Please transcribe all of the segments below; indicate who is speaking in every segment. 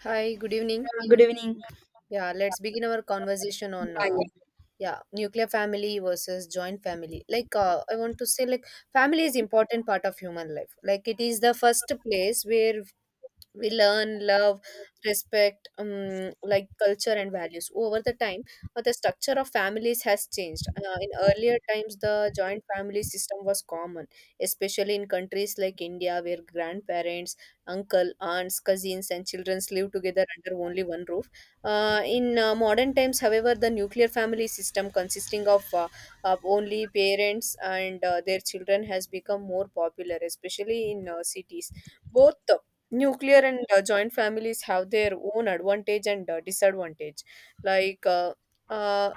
Speaker 1: Hi, good evening.
Speaker 2: Good evening.
Speaker 1: Yeah, let's begin our conversation on
Speaker 2: Yeah, yeah,
Speaker 1: yeah, nuclear family versus joint family. I want to say like family is important part of human life. Like it is the first place where we learn love respect like culture and values over the time. The structure of families has changed. In earlier times the joint family system was common, especially in countries like India, where grandparents, uncle, aunts, cousins and children live together under only one roof. In modern times, however, the nuclear family system, consisting of only parents and their children, has become more popular, especially in cities. Both nuclear and joint families have their own advantage and disadvantage. like uh, uh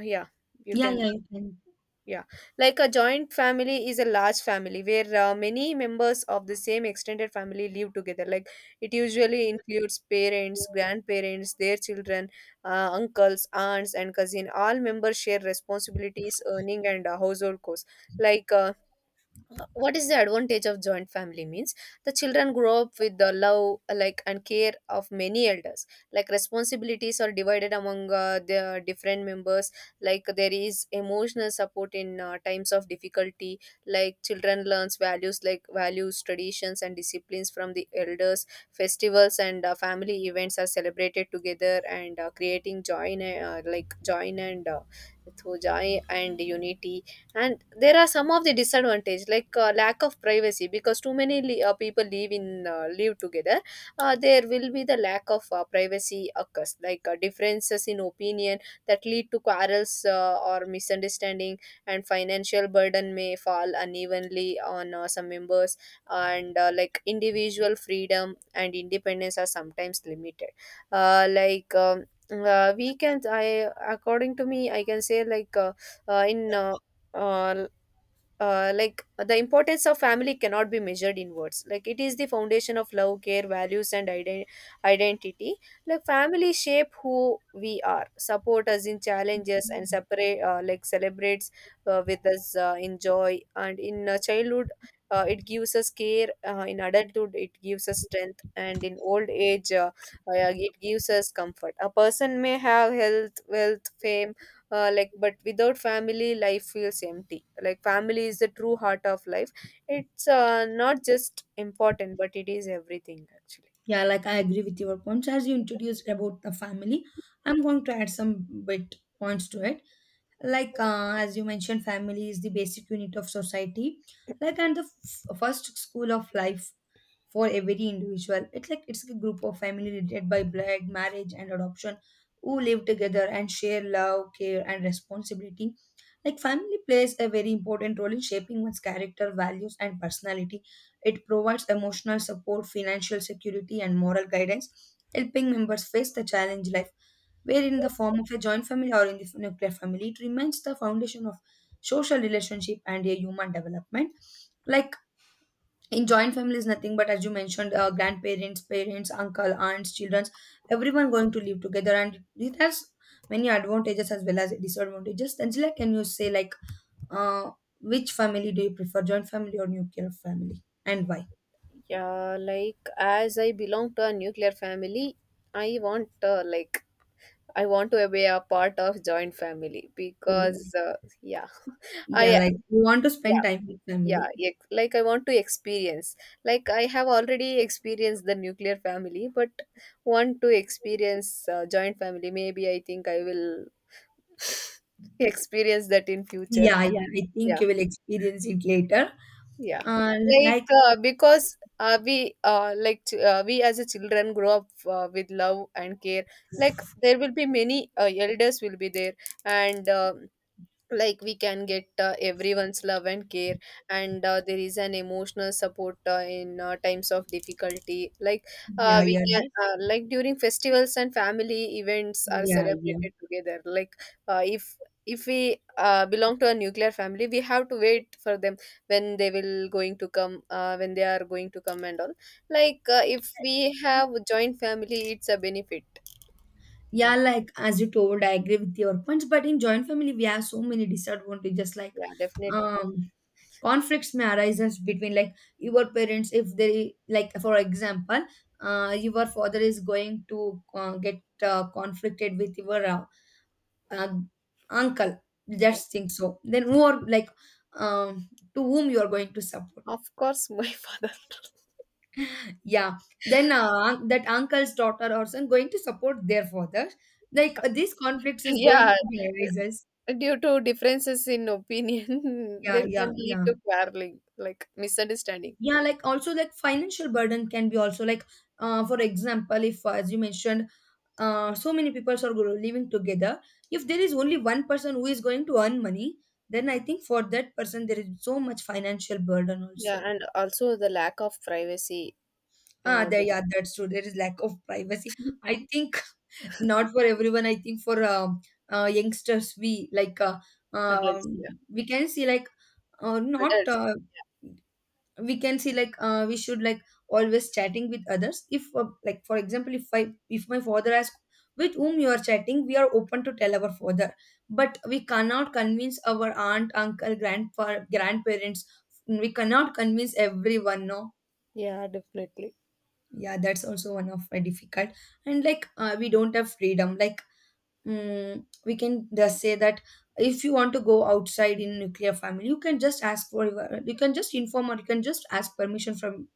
Speaker 1: yeah you
Speaker 2: yeah,
Speaker 1: can.
Speaker 2: yeah. You can.
Speaker 1: Yeah, like a joint family is a large family where many members of the same extended family live together. Like it usually includes parents, grandparents, their children, uncles, aunts and cousin. All members share responsibilities, earning and household costs. like uh, what is the advantage of joint family means the children grow up with the love, like, and care of many elders. Like responsibilities are divided among the different members. Like there is emotional support in times of difficulty. Like children learns values, like values, traditions and disciplines from the elders. Festivals and family events are celebrated together and creating joy in joy and through joy and unity. And there are some of the disadvantage, like lack of privacy because too many people live in live together. There will be the lack of privacy occurs. Like differences in opinion that lead to quarrels or misunderstanding. And financial burden may fall unevenly on some members. And like individual freedom and independence are sometimes limited. uh, like um, we can, I according to me I can say like, in uh, like the importance of family cannot be measured in words. Like it is the foundation of love, care, values and identity. Like family shape who we are, support us in challenges and separate, like celebrates with us in joy and in childhood. It gives us care. In adulthood it gives us strength, and in old age it gives us comfort. A person may have health, wealth, fame, like, but without family life feels empty. Like family is the true heart of life. It's not just important, but it is everything actually.
Speaker 2: Yeah, like I agree with your points. As you introduced about the family, I'm going to add some bit points to it. Like as you mentioned, family is the basic unit of society, like and the first school of life for every individual. It's like it's a group of family related by blood, marriage, and adoption who live together and share love, care, and responsibility. Like family plays a very important role in shaping one's character, values, and personality. It provides emotional support, financial security, and moral guidance, helping members face the challenge life, whether in the form of a joint family or in the nuclear family. It remains the foundation of social relationship and a human development. Like in joint families, nothing but as you mentioned, grandparents, parents, uncle, aunts, children, everyone going to live together, and it has many advantages as well as disadvantages. Angela, can you say like? Uh, which family do you prefer, joint family or nuclear family, and why?
Speaker 1: Yeah, like as I belong to a nuclear family, I want, I want to be a part of joint family
Speaker 2: Oh,
Speaker 1: because, yeah,
Speaker 2: yeah,
Speaker 1: I,
Speaker 2: like you want to spend
Speaker 1: yeah,
Speaker 2: time with family.
Speaker 1: like I want to experience, like I have already experienced the nuclear family, but want to experience joint family. Maybe I think I will experience that in future.
Speaker 2: Yeah, yeah, I
Speaker 1: Yeah,
Speaker 2: think you will experience it later.
Speaker 1: yeah,
Speaker 2: Uh,
Speaker 1: like
Speaker 2: like,
Speaker 1: because we like ch- we as a children grow up with love and care. Like there will be many elders will be there, and like we can get everyone's love and care. And there is an emotional support in times of difficulty. Like
Speaker 2: yeah,
Speaker 1: we
Speaker 2: yeah,
Speaker 1: can
Speaker 2: that's,
Speaker 1: like during festivals and family events are
Speaker 2: yeah, yeah.
Speaker 1: celebrated together. Like uh, if if we belong to a nuclear family, we have to wait for them, when they will going to come, when they are going to come and all. Like if we have joint family, it's a benefit.
Speaker 2: Yeah,
Speaker 1: Yeah,
Speaker 2: like as you told, I agree with your points. But in joint family, we have so many disadvantages. Like,
Speaker 1: yeah, definitely.
Speaker 2: um, conflicts may arise between like your parents if they like for example your father is going to get conflicted with your uh, uncle.
Speaker 1: Yeah,
Speaker 2: Just think so then who are like, um, to whom you are going to support.
Speaker 1: of course my father.
Speaker 2: Yeah, then that uncle's daughter or son going to support their father. Like these conflicts is going
Speaker 1: Yeah,
Speaker 2: to be arises.
Speaker 1: due to differences in opinion,
Speaker 2: Yeah,
Speaker 1: that
Speaker 2: yeah,
Speaker 1: can lead
Speaker 2: yeah,
Speaker 1: to quarreling, like misunderstanding.
Speaker 2: yeah, like also like financial burden can be also like for example if as you mentioned, so many people are living together. If there is only one person who is going to earn money, then I think for that person there is so much financial burden
Speaker 1: Yeah,
Speaker 2: also.
Speaker 1: and also the lack of privacy.
Speaker 2: Ah, there,
Speaker 1: With
Speaker 2: yeah, that's true, there is lack of privacy. I think not for everyone. I think for youngsters, we like,
Speaker 1: adults,
Speaker 2: um,
Speaker 1: yeah,
Speaker 2: we can see like, not,
Speaker 1: adults.
Speaker 2: we can see like we should like always chatting with others. If like for example, if I if my father asks with whom you are chatting, we are open to tell our father, but we cannot convince our aunt uncle grandpa grandparents. We cannot convince everyone, no.
Speaker 1: Yeah, definitely.
Speaker 2: Yeah, that's also one of my difficult. And like, we don't have freedom. Like, we can just say that if you want to go outside in nuclear family, you can just ask for your, you can just inform or you can just ask permission from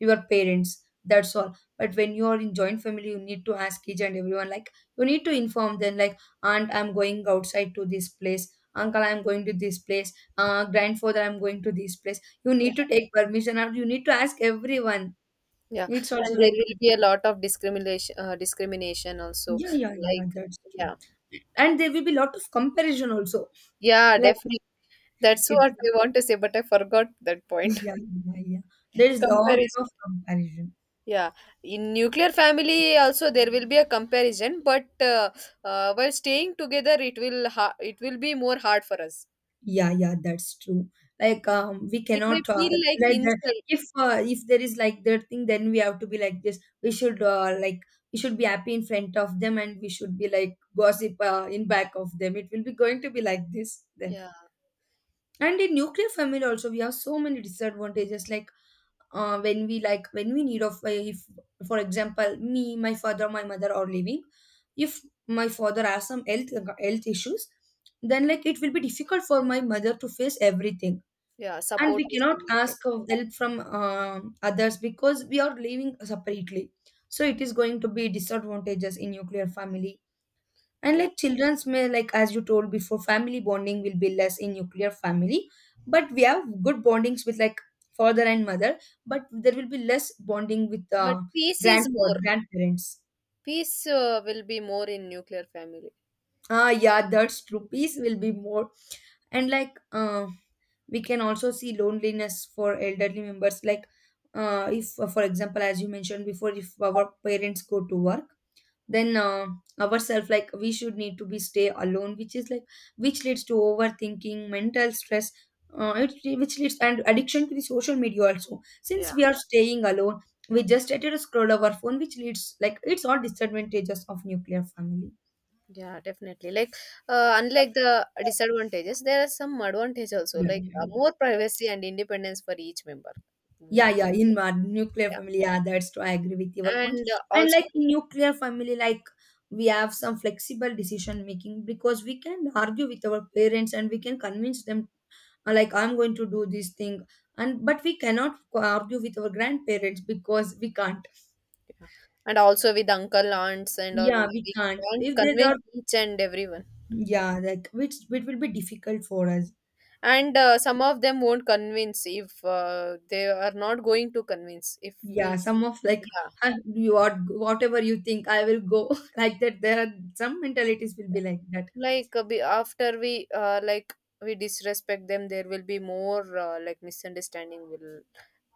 Speaker 2: your parents, that's all. But when you are in joint family, you need to ask each and everyone, like you need to inform them like, "Aunt, I'm going outside to this place. Uncle, I'm going to this place. Grandfather, I'm going to this place." You
Speaker 1: Yeah,
Speaker 2: need to take permission or you need to ask everyone.
Speaker 1: yeah,
Speaker 2: It's
Speaker 1: and
Speaker 2: also
Speaker 1: there
Speaker 2: like,
Speaker 1: will be a lot of discrimination, discrimination also.
Speaker 2: yeah, yeah, yeah,
Speaker 1: Like,
Speaker 2: that's true.
Speaker 1: yeah,
Speaker 2: And there will be lot of comparison also.
Speaker 1: yeah, definitely. That's
Speaker 2: It,
Speaker 1: what I want to say, but I forgot that point.
Speaker 2: yeah, yeah, yeah. There's lot
Speaker 1: Comparison.
Speaker 2: of comparison.
Speaker 1: Yeah, in nuclear family also there will be a comparison, but while staying together, it will be more hard for us.
Speaker 2: Yeah, yeah, that's true. Like, we
Speaker 1: It may
Speaker 2: cannot,
Speaker 1: feel like
Speaker 2: like
Speaker 1: insult.
Speaker 2: if, if there is like their thing, then we have to be like this. We should be happy in front of them, and we should be like gossip in back of them. It will be going to be like this then.
Speaker 1: Yeah,
Speaker 2: And in nuclear family also, we have so many disadvantages. Like when we need of, if for example, me my father my mother are living. If my father has some health issues, then like it will be difficult for my mother to face everything.
Speaker 1: yeah,
Speaker 2: And
Speaker 1: support
Speaker 2: we
Speaker 1: is
Speaker 2: cannot
Speaker 1: limited.
Speaker 2: ask of help from others because we are living separately. So it is going to be disadvantages in nuclear family. And
Speaker 1: Yeah,
Speaker 2: like children's may like as you told before, family bonding will be less in nuclear family. But we have good bondings with like father and mother, but there will be less bonding with
Speaker 1: but peace is
Speaker 2: grandfather
Speaker 1: more.
Speaker 2: grandparents.
Speaker 1: Peace will be more in nuclear family.
Speaker 2: Ah, yeah, that's true,
Speaker 1: Mhm.
Speaker 2: peace will be more. And like, we can also see loneliness for elderly members. Like, if, for example, as you mentioned before, if our parents go to work, then ourselves like we should need to be stay alone, which is like, which leads to overthinking, mental stress. Which leads, and addiction to the social media also,
Speaker 1: Yeah,
Speaker 2: since we are staying alone, we just started to scroll our phone, which leads like it's all disadvantages of nuclear family.
Speaker 1: yeah, definitely. Like unlike the disadvantages, there are some advantage also,
Speaker 2: Yeah,
Speaker 1: like
Speaker 2: yeah, yeah,
Speaker 1: more privacy and independence for each member.
Speaker 2: yeah,
Speaker 1: Will
Speaker 2: yeah, in my nuclear
Speaker 1: yeah,
Speaker 2: family. Yeah, that's true, I agree with your point
Speaker 1: and
Speaker 2: point. And
Speaker 1: also.
Speaker 2: like in nuclear family, like we have some flexible decision making because we can argue with our parents and we can convince them. Like, I'm going to do this thing. And but we cannot argue with our grandparents because we can't.
Speaker 1: Yeah. And also with uncle, aunts, and all,
Speaker 2: Yeah, we
Speaker 1: we
Speaker 2: can't
Speaker 1: can't
Speaker 2: if they
Speaker 1: convince
Speaker 2: are.
Speaker 1: each and everyone.
Speaker 2: Yeah, like, which it will be difficult for us.
Speaker 1: And some of them won't convince if they are not going to convince. If we,
Speaker 2: Yeah, some of like,
Speaker 1: yeah,
Speaker 2: "Ah, you are, whatever you think I will go" like that. There are some mentalities will be
Speaker 1: yeah,
Speaker 2: like that.
Speaker 1: like like we disrespect them, there will be more like misunderstanding will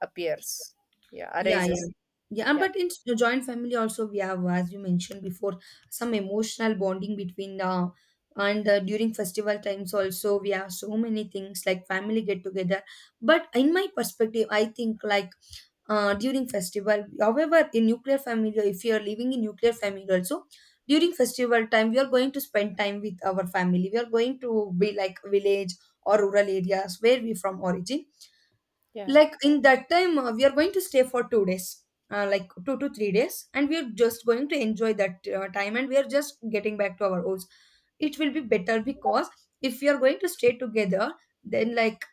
Speaker 1: appears. Yeah,
Speaker 2: Yeah, yeah.
Speaker 1: arises.
Speaker 2: Yeah, and
Speaker 1: Yeah,
Speaker 2: but in joint family also, we have, as you mentioned before, some emotional bonding between the. And during festival times also, we have so many things like family get together. But in my perspective, I think like, during festival, however, in nuclear family, if you are living in nuclear family also, during festival time, we are going to spend time with our family. We are going to be like village or rural areas where we from origin.
Speaker 1: yeah,
Speaker 2: Like in that time, we are going to stay for 2 days, like 2 to 3 days, and we're just going to enjoy that time. And we are just getting back to our homes. It will be better because if we are going to stay together, then like,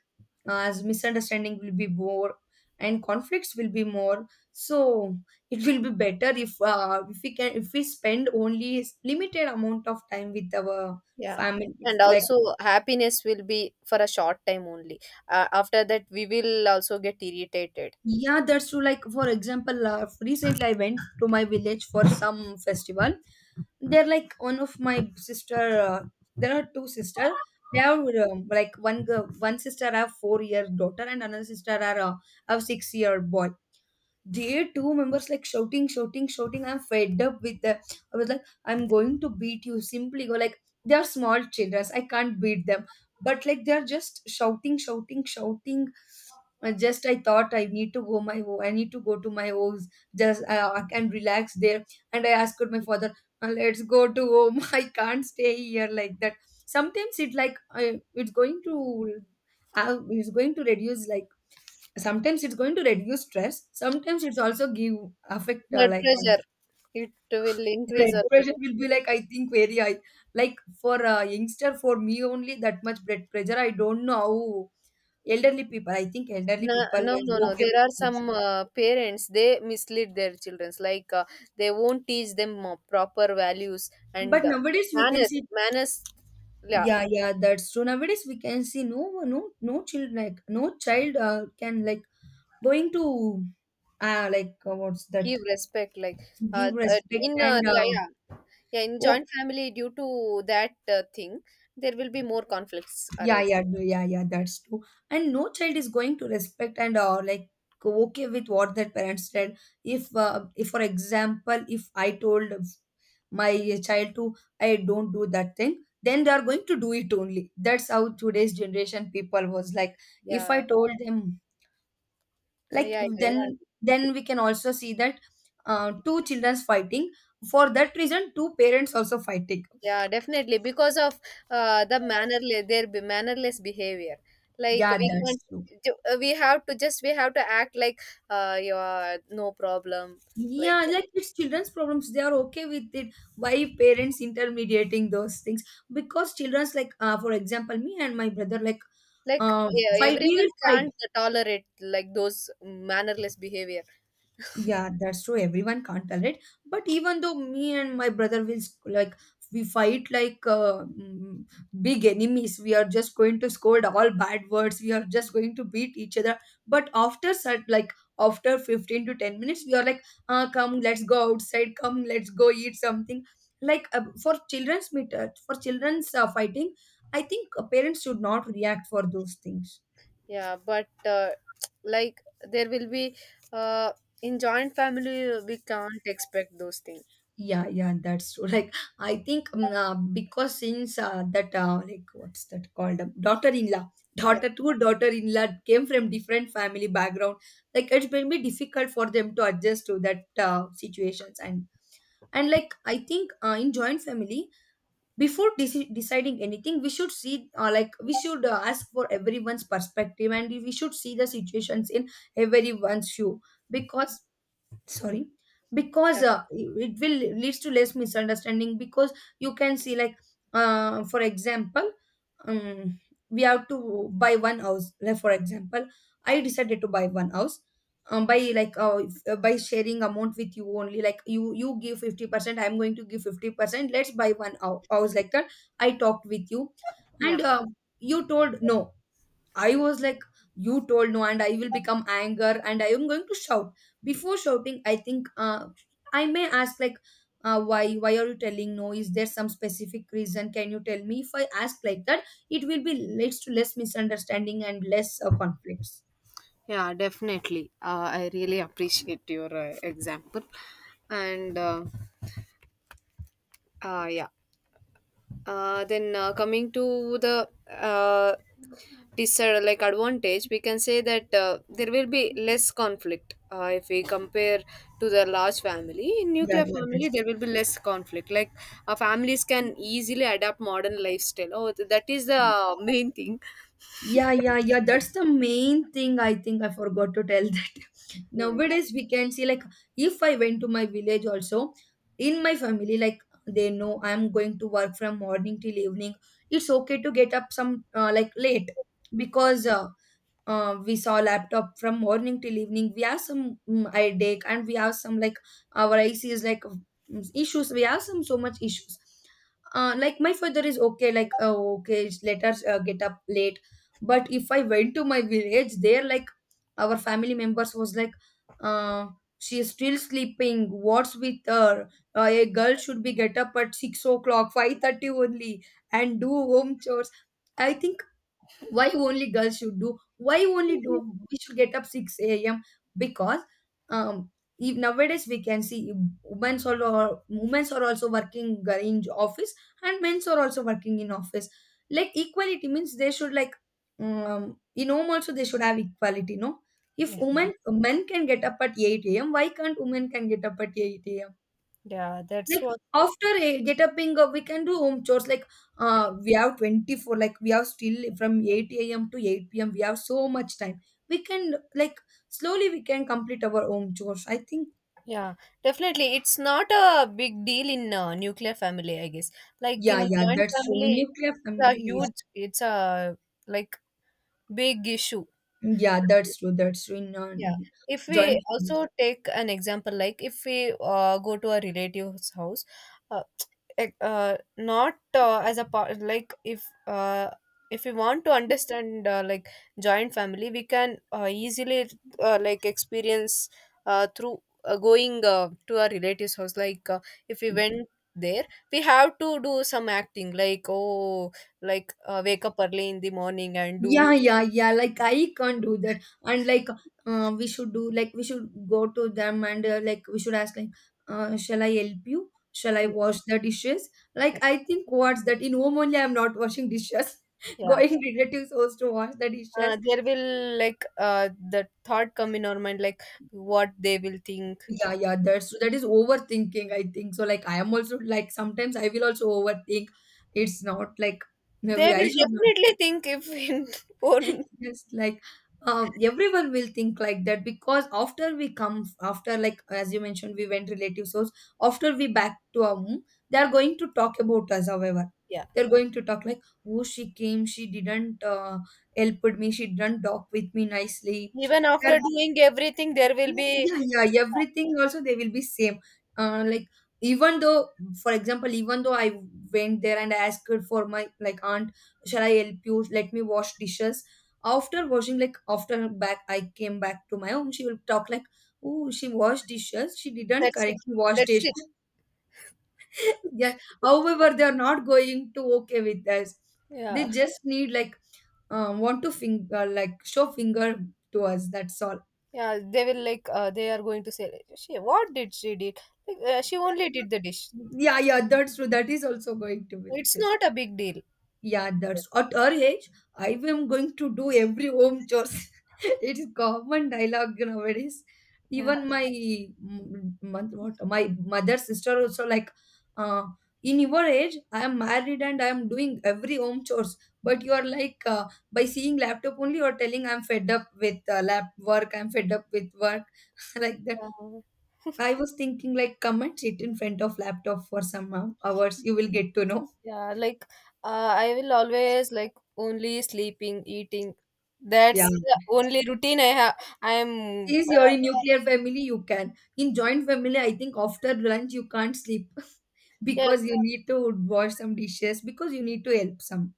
Speaker 2: as misunderstanding will be more and conflicts will be more. So it will be better if, if we can, if we spend only limited amount of time with our
Speaker 1: yeah.
Speaker 2: family
Speaker 1: And
Speaker 2: like.
Speaker 1: also happiness will be for a short time only. After that, we will also get irritated.
Speaker 2: Yeah, that's true. Like, for example, recently I went to my village for some festival. They're like one of my sister. There are two sister. They have, like one girl, one sister have 4 year daughter, and another sister are, have 6 year boy. There two members like shouting, shouting, shouting. I'm fed up with them. I was like, I'm going to beat you. Simply go like they are small children. I can't beat them. But like they're just shouting, shouting, shouting. Just I thought I need to go my home. I need to go to my house. Just I can relax there. And I asked my father, "Let's go to home. I can't stay here like that. Sometimes it like, it's going to, it's going to reduce like, sometimes it's going to reduce stress, sometimes it's also give affect,
Speaker 1: Blood
Speaker 2: like,
Speaker 1: pressure, it will increase
Speaker 2: blood
Speaker 1: our blood
Speaker 2: pressure will be
Speaker 1: pressure.
Speaker 2: like, I think, very high. Like for a youngster, for me only that much blood pressure, I don't know how elderly people, I think elderly
Speaker 1: no
Speaker 2: people
Speaker 1: no
Speaker 2: is
Speaker 1: no no,
Speaker 2: okay
Speaker 1: there are
Speaker 2: with
Speaker 1: some
Speaker 2: it.
Speaker 1: parents, they mislead their children, like they won't teach them proper values and
Speaker 2: But nowadays we can
Speaker 1: manners.
Speaker 2: see,
Speaker 1: Manners, yeah,
Speaker 2: yeah, yeah, that's true, nowadays we can see no no no child, like no child can like going to, like, what's that.
Speaker 1: give respect. Like uh,
Speaker 2: Give
Speaker 1: uh,
Speaker 2: respect
Speaker 1: in
Speaker 2: and,
Speaker 1: yeah, yeah, yeah, in joint family, due to that thing there will be more conflicts
Speaker 2: yeah,
Speaker 1: arise.
Speaker 2: yeah, no, yeah, yeah, that's true. And no child is going to respect and, like okay with what their parents said. If for example, if I told my child to I don't do that thing, then they are going to do it only. That's how today's generation people was like. If
Speaker 1: Yeah,
Speaker 2: I told them, like,
Speaker 1: yeah, yeah, you can.
Speaker 2: then we can also see that two childrens fighting. For that reason, two parents also fighting.
Speaker 1: Yeah, definitely, because of the mannerless, mannerless behavior. Like
Speaker 2: Yeah,
Speaker 1: we
Speaker 2: that's
Speaker 1: can't,
Speaker 2: true.
Speaker 1: we have to just, we have to act like you are no problem, like
Speaker 2: Yeah,
Speaker 1: that.
Speaker 2: like it's children's problems. They are okay with it. Why parents intermediating those things? Because children's like, for example, me and my brother, like,
Speaker 1: Like
Speaker 2: uh,
Speaker 1: yeah,
Speaker 2: fight. We
Speaker 1: everyone
Speaker 2: will fight.
Speaker 1: can't tolerate like those mannerless behavior.
Speaker 2: Yeah, that's true. Everyone can't tolerate. But even though me and my brother will like, we fight like, big enemies, we are just going to scold all bad words. We are just going to beat each other. But after such, like, after 15 to 10 minutes, we are like, come, let's go outside. Come, let's go eat something. Like, for children's meet, for children's, fighting, I think parents should not react for those things.
Speaker 1: Yeah, but like there will be uh, in joint family we can't expect those things.
Speaker 2: Yeah, yeah, that's true. Like, I think because like, what's that called? Daughter-in-law,
Speaker 1: Yeah,
Speaker 2: daughter to daughter-in-law came from different family background. Like, it's been be difficult for them to adjust to that situations. And like, I think in joint family, before deciding anything, we should see, we should ask for everyone's perspective, and we should see the situations in everyone's view because sorry
Speaker 1: yeah.
Speaker 2: because it will leads to less misunderstanding because you can see like for example um, we have to buy one house, like for example I decided to buy one house, by like if- by sharing amount with you only, like you give 50% I'm going to give 50%, let's buy one house like that. I talked with you
Speaker 1: Yeah.
Speaker 2: and you told no. I
Speaker 1: Yeah.
Speaker 2: was like, you told no, and I will become anger, and I am going to shout. Before shouting, I think I may ask like, why? Why are you telling no? Is there some specific reason? Can you tell me? If I ask like that, it will be leads to less misunderstanding and less conflicts.
Speaker 1: Yeah, definitely. I really appreciate your example. And yeah, then coming to the disadvantage, like advantage, we can say that there will be less conflict if we compare to the large family. In
Speaker 2: Yeah,
Speaker 1: nuclear
Speaker 2: yeah,
Speaker 1: family,
Speaker 2: that's
Speaker 1: there will be less conflict. Like families can easily adapt modern lifestyle. Oh, that is
Speaker 2: true.
Speaker 1: the main thing.
Speaker 2: Yeah, yeah, yeah. That's the main thing I think I forgot to tell that
Speaker 1: Hmm,
Speaker 2: nowadays we can see like if I went to my village also, in my family, like they know I'm going to work from morning till evening. It's okay to get up some like late because we saw laptop from morning till evening, we have some headache and we have some like our ic is like issues, we have some, so much issues. Like my father is okay, like, oh, okay, let us get up late. But if I went to my village there, like, our family members was like, uh, she is still sleeping, what's with her. A girl should be get up at 6 o'clock, 5:30 only, and do home chores. I think why only girls should do, why only do, we should get up 6 a.m. because um if nowadays we can see women's all or women's are also working in office, and men's are also working in office. Like equality means they should like, in home also they should have equality, no?
Speaker 1: yeah.
Speaker 2: If
Speaker 1: Yeah,
Speaker 2: women men can get up at 8 a.m., why can't women can get up at 8 a.m.?
Speaker 1: yeah, that's
Speaker 2: Like
Speaker 1: what.
Speaker 2: after a get upping, we can do home chores. Like we have 24, like we have still from 8 a.m. to 8 p.m. We have so much time. We can like slowly we can complete our home chores. I think
Speaker 1: Yeah, definitely. It's not a big deal in nuclear family, I guess. Like in
Speaker 2: yeah, yeah,
Speaker 1: joint
Speaker 2: that's true. In
Speaker 1: family,
Speaker 2: nuclear
Speaker 1: it's a
Speaker 2: family.
Speaker 1: huge, it's a like big issue.
Speaker 2: Yeah, that's true. That's true. In
Speaker 1: Yeah. If we
Speaker 2: joint families.
Speaker 1: also take an example, like if we go to a relative's house, uh, like, not as a part, like if we want to understand like joint family, we can easily like experience through going to a relative's house. Like if we went there, we have to do some acting, like oh, like wake up early in the morning and
Speaker 2: Yeah,
Speaker 1: do.
Speaker 2: yeah, yeah. Like I can't do that. And like, we should do like we should go to them and we should ask like, shall I help you? Shall I wash the dishes? Like I think what's that, in home only I'm not washing dishes.
Speaker 1: Yeah.
Speaker 2: Going relatives house to wash the dishes.
Speaker 1: There will, like the thought come in our mind like what they will think.
Speaker 2: Yeah, yeah. That's that is overthinking, I think so. Like I am also like sometimes I will also overthink. It's not like no,
Speaker 1: They
Speaker 2: I
Speaker 1: will
Speaker 2: should
Speaker 1: definitely
Speaker 2: not.
Speaker 1: think, if in own.
Speaker 2: Yes, like everyone will think like that because after we come, after like as you mentioned, we went relatives' house. After we back to our home, they are going to talk about us. However,
Speaker 1: Yeah,
Speaker 2: they're going to talk like, "Oh, she came. She didn't help with me. She didn't talk with me nicely."
Speaker 1: even
Speaker 2: They're
Speaker 1: after doing everything there will be.
Speaker 2: yeah, yeah, yeah. Everything also they will be same. Like even though, for example, even though I went there and I asked her for my like aunt, shall I help you? Let me wash dishes. After washing, like after back, I came back to my home. She will talk like, oh, she washed dishes. She didn't
Speaker 1: That's it.
Speaker 2: correctly wash
Speaker 1: That's it.
Speaker 2: dishes. Yeah. However, they are not going to okay with us.
Speaker 1: Yeah,
Speaker 2: They just need like want to finger, like show finger to us. That's all.
Speaker 1: yeah, they will, like they are going to say like, she what did she did, like she only did the dish.
Speaker 2: Yeah, yeah, that's true. That is also going to be like
Speaker 1: It's
Speaker 2: this.
Speaker 1: not a big deal.
Speaker 2: Yeah, that's at our age, I am going to do every home chores. It is common dialogue nowadays.
Speaker 1: Yeah.
Speaker 2: Even my mm, mon- what my mother's sister also like, uh, in your age, I am married and I am doing every home chores. But you are like by seeing laptop only, you are telling I'm fed up with lap work. I'm fed up with work like that.
Speaker 1: Uh,
Speaker 2: I was thinking like come and sit in front of laptop for some hours. You will get to know.
Speaker 1: yeah, like uh, I will always like only sleeping, eating.
Speaker 2: Yeah.
Speaker 1: That's the only routine I have. I am,
Speaker 2: Since you're in nuclear family, you can. In joint family, I think after lunch you can't sleep
Speaker 1: yeah,
Speaker 2: because you need to wash some dishes, because you need to help some.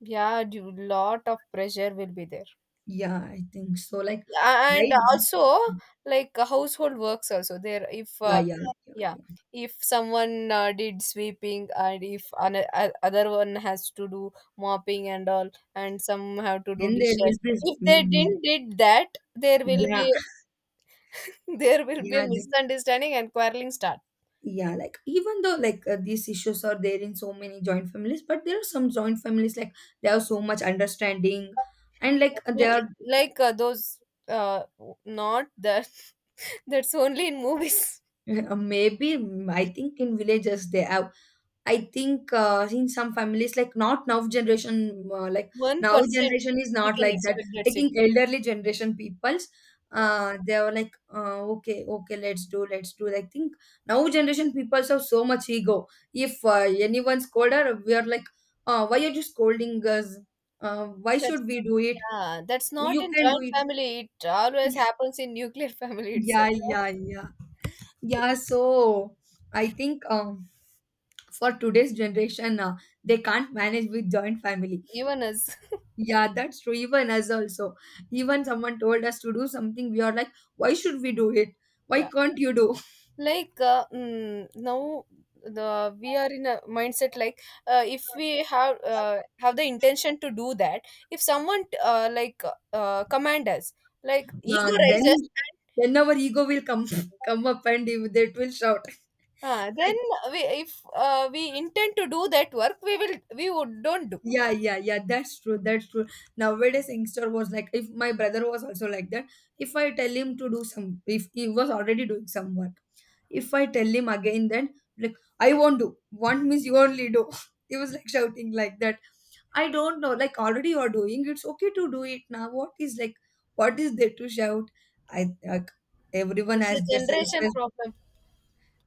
Speaker 1: yeah. Lot of pressure will be there.
Speaker 2: Yeah, I think so. Like
Speaker 1: A- and
Speaker 2: I
Speaker 1: also like household works also there. If
Speaker 2: yeah yeah yeah
Speaker 1: yeah,
Speaker 2: yeah.
Speaker 1: if someone did sweeping, and if an other one has to do mopping and all, and some have to do
Speaker 2: Then there will
Speaker 1: dishes.
Speaker 2: be
Speaker 1: If they didn't did that, there will
Speaker 2: yeah
Speaker 1: be there will be a
Speaker 2: yeah.
Speaker 1: misunderstanding and quarreling starts.
Speaker 2: Yeah, like even though like these issues are there in so many joint families, but there are some joint families like they have so much understanding and like they
Speaker 1: Definitely.
Speaker 2: are
Speaker 1: Like those, not that. That's only in movies.
Speaker 2: maybe I think in villages they have, I think in some families, like not now generation, like now
Speaker 1: 1%
Speaker 2: generation is
Speaker 1: we
Speaker 2: not
Speaker 1: can
Speaker 2: like that.
Speaker 1: expect,
Speaker 2: I
Speaker 1: that's it.
Speaker 2: think elderly generation peoples,
Speaker 1: Yeah.
Speaker 2: they are like, okay, okay, let's do, let's do. I think now generation peoples have so much ego. If anyone scold her, we are like, why are you scolding us? Why
Speaker 1: That's
Speaker 2: should we do it?
Speaker 1: yeah. That's not
Speaker 2: You
Speaker 1: in
Speaker 2: can do
Speaker 1: joint
Speaker 2: it.
Speaker 1: family. It always happens in nuclear family
Speaker 2: Yeah,
Speaker 1: itself.
Speaker 2: yeah, yeah, yeah. So I think for today's generation, they can't manage with joint families.
Speaker 1: Even us.
Speaker 2: Yeah, that's true. Even us also. Even someone told us to do something, we are like, why should we do it? Why
Speaker 1: Yeah.
Speaker 2: can't you do?
Speaker 1: Like now the we are in a mindset like if we have the intention to do that, if someone command us, like ego
Speaker 2: Yeah, then
Speaker 1: rises.
Speaker 2: then our ego will come come up, and if they will shout.
Speaker 1: Then
Speaker 2: Like,
Speaker 1: we, if we intend to do that work, we will, we would don't do.
Speaker 2: yeah, yeah, yeah, that's true. That's true. Nowadays, youngster was like, if my brother was also like that, if I tell him to do some, if he was already doing some work, if I tell him again, then like, I won't do. Want means you only do. He was like shouting like that. I don't know. Like already you're doing, it's okay to do it now. What is like, what is there to shout? I like everyone
Speaker 1: It's
Speaker 2: has
Speaker 1: a
Speaker 2: their
Speaker 1: generation
Speaker 2: self.
Speaker 1: problem.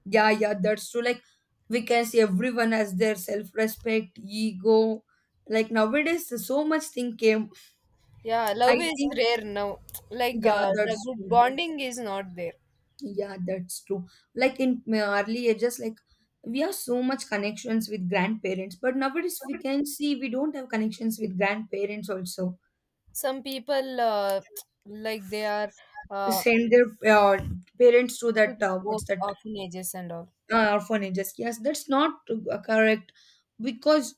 Speaker 2: Yeah, yeah, that's true. Like we can see everyone has their self respect, ego. Like nowadays, so much thing came.
Speaker 1: Yeah, love
Speaker 2: I
Speaker 1: is
Speaker 2: think
Speaker 1: rare now. Like
Speaker 2: yeah,
Speaker 1: the
Speaker 2: that's
Speaker 1: good
Speaker 2: true. That's,
Speaker 1: bonding is not there.
Speaker 2: yeah, that's true. Like in my early ages, like we have so much connections with grandparents, but nowadays we can see we don't have connections with grandparents also.
Speaker 1: Some people like they are uh,
Speaker 2: Send their parents to that
Speaker 1: work
Speaker 2: what's that,
Speaker 1: orphanages and all.
Speaker 2: orphanages, yes, that's not correct because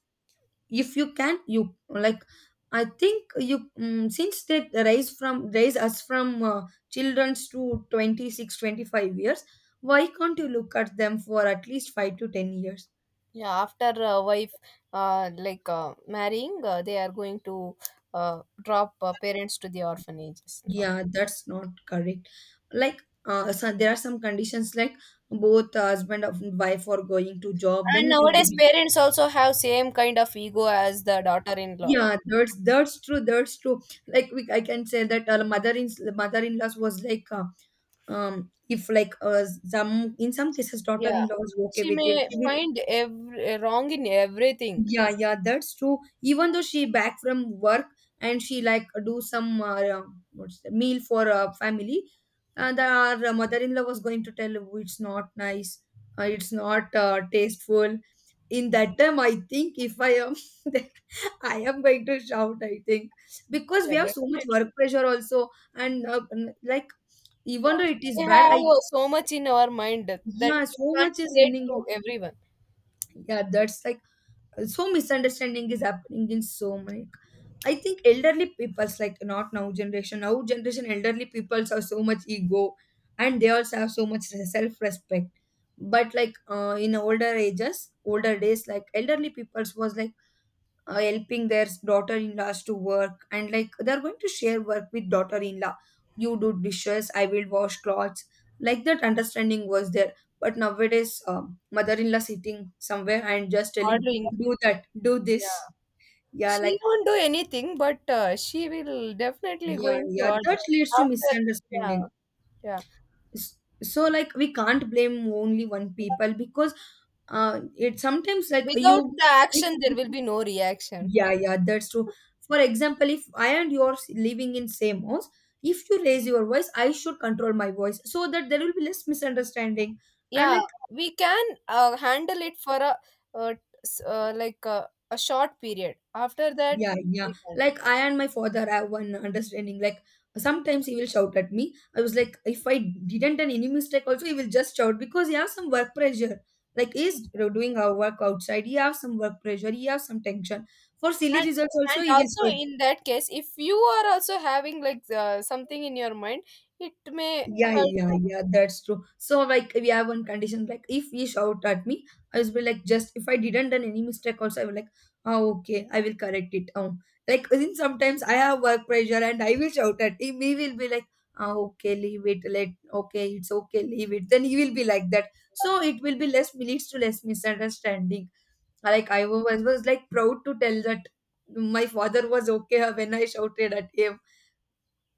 Speaker 2: if you can you like, I think you since they raise us from children's to 26 25 years, why can't you look at them for at least 5 to 10 years?
Speaker 1: Yeah, after wife, marrying, they are going to drop parents to the orphanages now.
Speaker 2: Yeah, that's not correct. Like so there are some conditions, like both husband and wife are going to job,
Speaker 1: And
Speaker 2: then it will
Speaker 1: nowadays,
Speaker 2: be
Speaker 1: parents also have same kind of ego as the daughter-in-law.
Speaker 2: yeah, that's true. That's true. Like we, I can say that mother in laws was like, if like some cases daughter
Speaker 1: Yeah,
Speaker 2: in law was okay
Speaker 1: she
Speaker 2: with it,
Speaker 1: may
Speaker 2: she will
Speaker 1: find every, wrong in everything.
Speaker 2: yeah, yeah, that's true. Even though she back from work and she like do some what's the meal for family, and our mother-in-law was going to tell, "Oh, it's not nice, it's not tasteful." In that time, I think if I am there, I am going to shout, I think, because
Speaker 1: Yeah,
Speaker 2: we have so much
Speaker 1: definitely.
Speaker 2: work pressure also, and like
Speaker 1: Yeah,
Speaker 2: even though it is
Speaker 1: we
Speaker 2: bad,
Speaker 1: have
Speaker 2: I
Speaker 1: so much in our mind that
Speaker 2: yeah,
Speaker 1: we
Speaker 2: so
Speaker 1: can't
Speaker 2: much is
Speaker 1: say
Speaker 2: running.
Speaker 1: to everyone.
Speaker 2: Yeah, that's like so misunderstanding is happening in so many. I think elderly peoples, like not now generation, now generation elderly peoples are so much ego, and they also have so much self-respect. But like in older ages older days, like elderly peoples was like helping their daughter-in-laws to work, and like they're going to share work with daughter-in-law. You do dishes, I will wash clothes, like that understanding was there. But nowadays mother-in-law sitting somewhere and just telling
Speaker 1: Ordering.
Speaker 2: do that do this,
Speaker 1: Yeah,
Speaker 2: yeah
Speaker 1: she
Speaker 2: like
Speaker 1: won't do anything, but she will definitely
Speaker 2: yeah
Speaker 1: going to
Speaker 2: yeah, that
Speaker 1: order
Speaker 2: leads to
Speaker 1: after. Yeah,
Speaker 2: misunderstanding.
Speaker 1: yeah.
Speaker 2: So like we can't blame only one people, because it sometimes like
Speaker 1: Without
Speaker 2: you
Speaker 1: the
Speaker 2: if
Speaker 1: action, there will be no reaction.
Speaker 2: yeah, yeah, that's true. For example, if I and you are living in same house, if you raise your voice, I should control my voice so that there will be less misunderstanding. And
Speaker 1: Yeah,
Speaker 2: like,
Speaker 1: we can handle it for a uh, a short period. After that,
Speaker 2: yeah, yeah,
Speaker 1: we can't.
Speaker 2: like I and my father have one understanding. Like sometimes he will shout at me. I was like, if I didn't done any mistake, also he will just shout because he has some work pressure. Like he's doing our work outside. He has some work pressure. He has some tension. For silly
Speaker 1: and
Speaker 2: results, also
Speaker 1: and
Speaker 2: he will
Speaker 1: also
Speaker 2: shout.
Speaker 1: in that case if you are also having like something in your mind, it may
Speaker 2: Yeah,
Speaker 1: hurt
Speaker 2: yeah,
Speaker 1: you.
Speaker 2: yeah, that's true. So like we have one condition, like if he shout at me, I will be like just if I didn't done any mistake also, I will like, oh okay, I will correct it. Oh like then sometimes I have work pressure and I will shout at him, he will be like, oh okay, leave it, let okay, it's okay, leave it. Then he will be like that. So it will be less leads to less misunderstanding. Like I was like proud to tell that my father was okay when I shouted at him.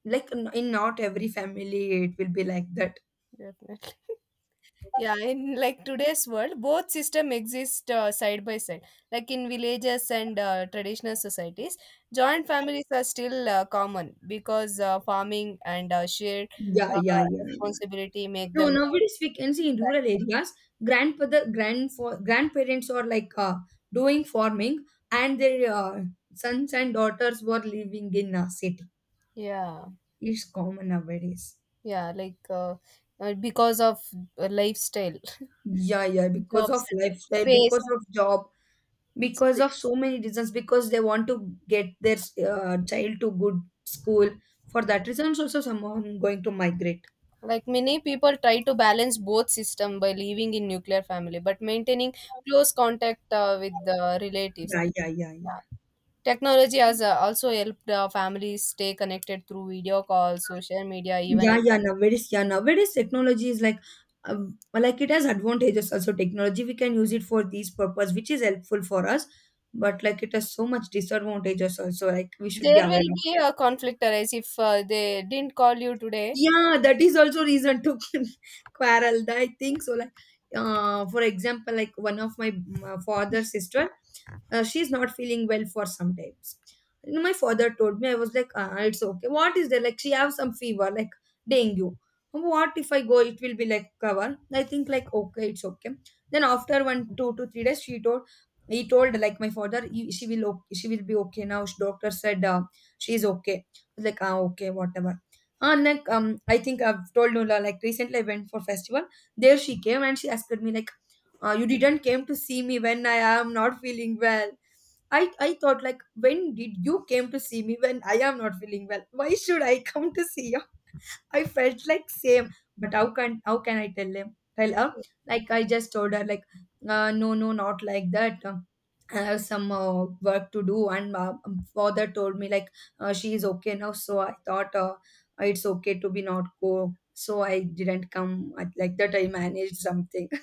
Speaker 2: Like in not every family it will be like that.
Speaker 1: Definitely. Yeah, in like today's world both system exist side by side. Like in villages and traditional societies, joint families are still common because farming and shared
Speaker 2: Yeah, yeah, yeah, yeah.
Speaker 1: responsibility make
Speaker 2: No,
Speaker 1: them
Speaker 2: nowadays we can see in rural
Speaker 1: practical.
Speaker 2: areas, grandfather, grandfa grandparents are like doing farming, and their sons and daughters were living in a city.
Speaker 1: Yeah,
Speaker 2: It's common nowadays.
Speaker 1: yeah, like because of lifestyle,
Speaker 2: Yeah, yeah, because
Speaker 1: jobs,
Speaker 2: of lifestyle, because
Speaker 1: space,
Speaker 2: of job, because
Speaker 1: space.
Speaker 2: of so many reasons, because they want to get their child to good school. For that reason, also someone going to migrate.
Speaker 1: Like many people try to balance both system by living in nuclear family, but maintaining close contact with the relatives.
Speaker 2: Yeah, yeah, yeah, yeah.
Speaker 1: Yeah. Technology has also helped families stay connected through video calls, social media, even
Speaker 2: Yeah,
Speaker 1: if
Speaker 2: yeah, nowadays technology is like, like it has advantages also. Technology we can use it for these purpose, which is helpful for us, but like it has so much disadvantages also. Like we should be
Speaker 1: there
Speaker 2: aware
Speaker 1: will
Speaker 2: of.
Speaker 1: be a conflict arise if they didn't call you today.
Speaker 2: Yeah, that is also reason to quarrel. I think so. Like, for example, like one of my father's sister, she's not feeling well for some times. You know, my father told me I was like, ah, it's okay. What is there? Like she have some fever, like dengue. What if I go? It will be like cover. I think like okay, it's okay. Then after one, 2 to 3 days, she told he told like my father, "You- she will okay, she will be okay now. Doctor said she's okay. I was like ah okay, whatever. And like I think I've told Nola like recently I went for festival. There she came and she asked me like, "You didn't came to see me when I am not feeling well." I thought like, when did you came to see me when I am not feeling well? Why should I come to see you? I felt like same, but how can I tell him? Tell her like I just told her like no no not like that. I have some work to do, and father told me like she is okay now. So I thought it's okay to be not go. So I didn't come like that. I managed something.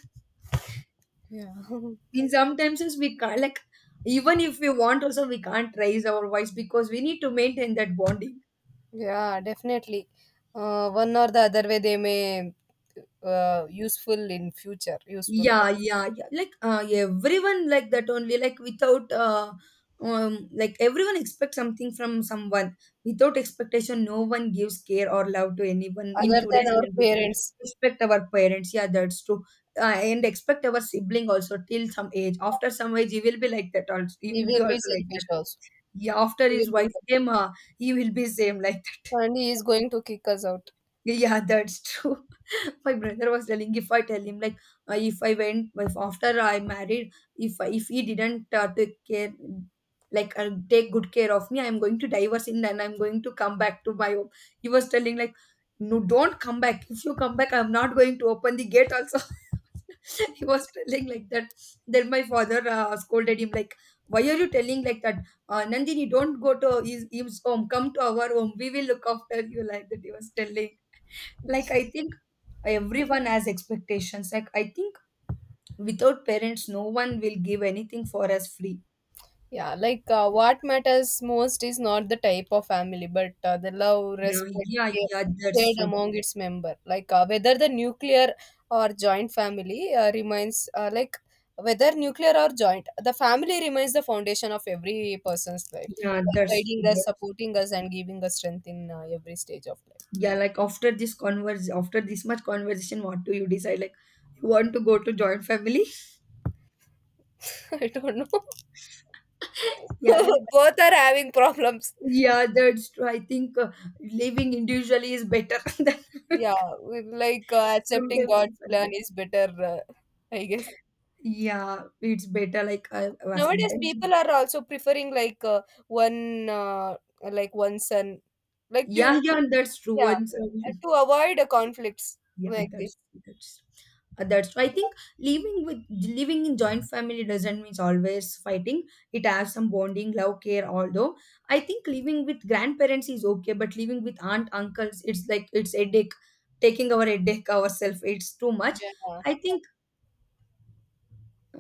Speaker 1: Yeah,
Speaker 2: mean sometimes is we can't like even if we want also we can't raise our voice because we need to maintain that bonding.
Speaker 1: yeah, definitely. One or the other way they may useful in future, useful. For-
Speaker 2: Yeah, yeah, yeah. Like everyone like that only. Like without like everyone expects something from someone. Without expectation, no one gives care or love to anyone in
Speaker 1: other than
Speaker 2: today's
Speaker 1: our
Speaker 2: generation.
Speaker 1: parents,
Speaker 2: Respect our parents. Yeah, that's true. And expect our sibling also till some age. After some age, he will be like that. Also, he
Speaker 1: we
Speaker 2: will
Speaker 1: will
Speaker 2: be
Speaker 1: be
Speaker 2: also like
Speaker 1: selfish
Speaker 2: that.
Speaker 1: also.
Speaker 2: Yeah, after his
Speaker 1: We will be,
Speaker 2: wife came, he will be same like that.
Speaker 1: and he is going to kick us out.
Speaker 2: Yeah, that's true. My brother was telling if I tell him like if I went if after I married if he didn't take care like take good care of me, I'm going to divorce him and I'm going to come back to my home. He was telling like no, don't come back. If you come back I'm not going to open the gate also. he was telling like that. Then my father scolded him like why are you telling like that. Nandini, don't go to his home, come to our home, we will look after you, like that he was telling. Like I think everyone has expectations. Like I think without parents no one will give anything for us free.
Speaker 1: Yeah, like what matters most is not the type of family, but the love,
Speaker 2: Yeah,
Speaker 1: respect,
Speaker 2: yeah,
Speaker 1: care
Speaker 2: yeah, that's
Speaker 1: shared
Speaker 2: true.
Speaker 1: among its member. Like whether the nuclear or joint family remains, whether nuclear or joint, the family remains the foundation of every person's life,
Speaker 2: Yeah,
Speaker 1: like
Speaker 2: that's
Speaker 1: guiding
Speaker 2: true,
Speaker 1: us,
Speaker 2: that's,
Speaker 1: supporting us and giving us strength in every stage of
Speaker 2: yeah like after this much conversation, what do you decide? Like you want to go to joint family?
Speaker 1: life. I don't know.
Speaker 2: Yeah like,
Speaker 1: Both are having problems.
Speaker 2: yeah that's true. I think living individually is better than
Speaker 1: Yeah, we like accepting
Speaker 2: sometimes
Speaker 1: God's plan
Speaker 2: it's-
Speaker 1: is better, uh, I guess.
Speaker 2: yeah it's better, like well,
Speaker 1: Nowadays,
Speaker 2: sometimes
Speaker 1: people are also preferring like one, one son, like you,
Speaker 2: yeah, yeah that's true.
Speaker 1: yeah,
Speaker 2: Once
Speaker 1: to avoid conflicts,
Speaker 2: yeah,
Speaker 1: like this.
Speaker 2: that's that's, I think living with living in joint family doesn't mean always fighting. It has some bonding, love, care although I think living with grandparents is okay, but living with aunt uncles, it's like it's headache. Taking our headache ourselves, it's too much.
Speaker 1: Yeah.
Speaker 2: I think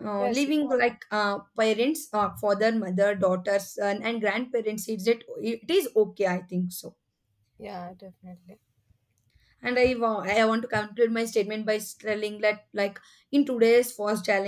Speaker 1: Yes.
Speaker 2: living like parents, father, mother, daughter, son and grandparents, it is okay I think so.
Speaker 1: Yeah, yeah, definitely.
Speaker 2: And I want to conclude my statement by telling that like in today's fast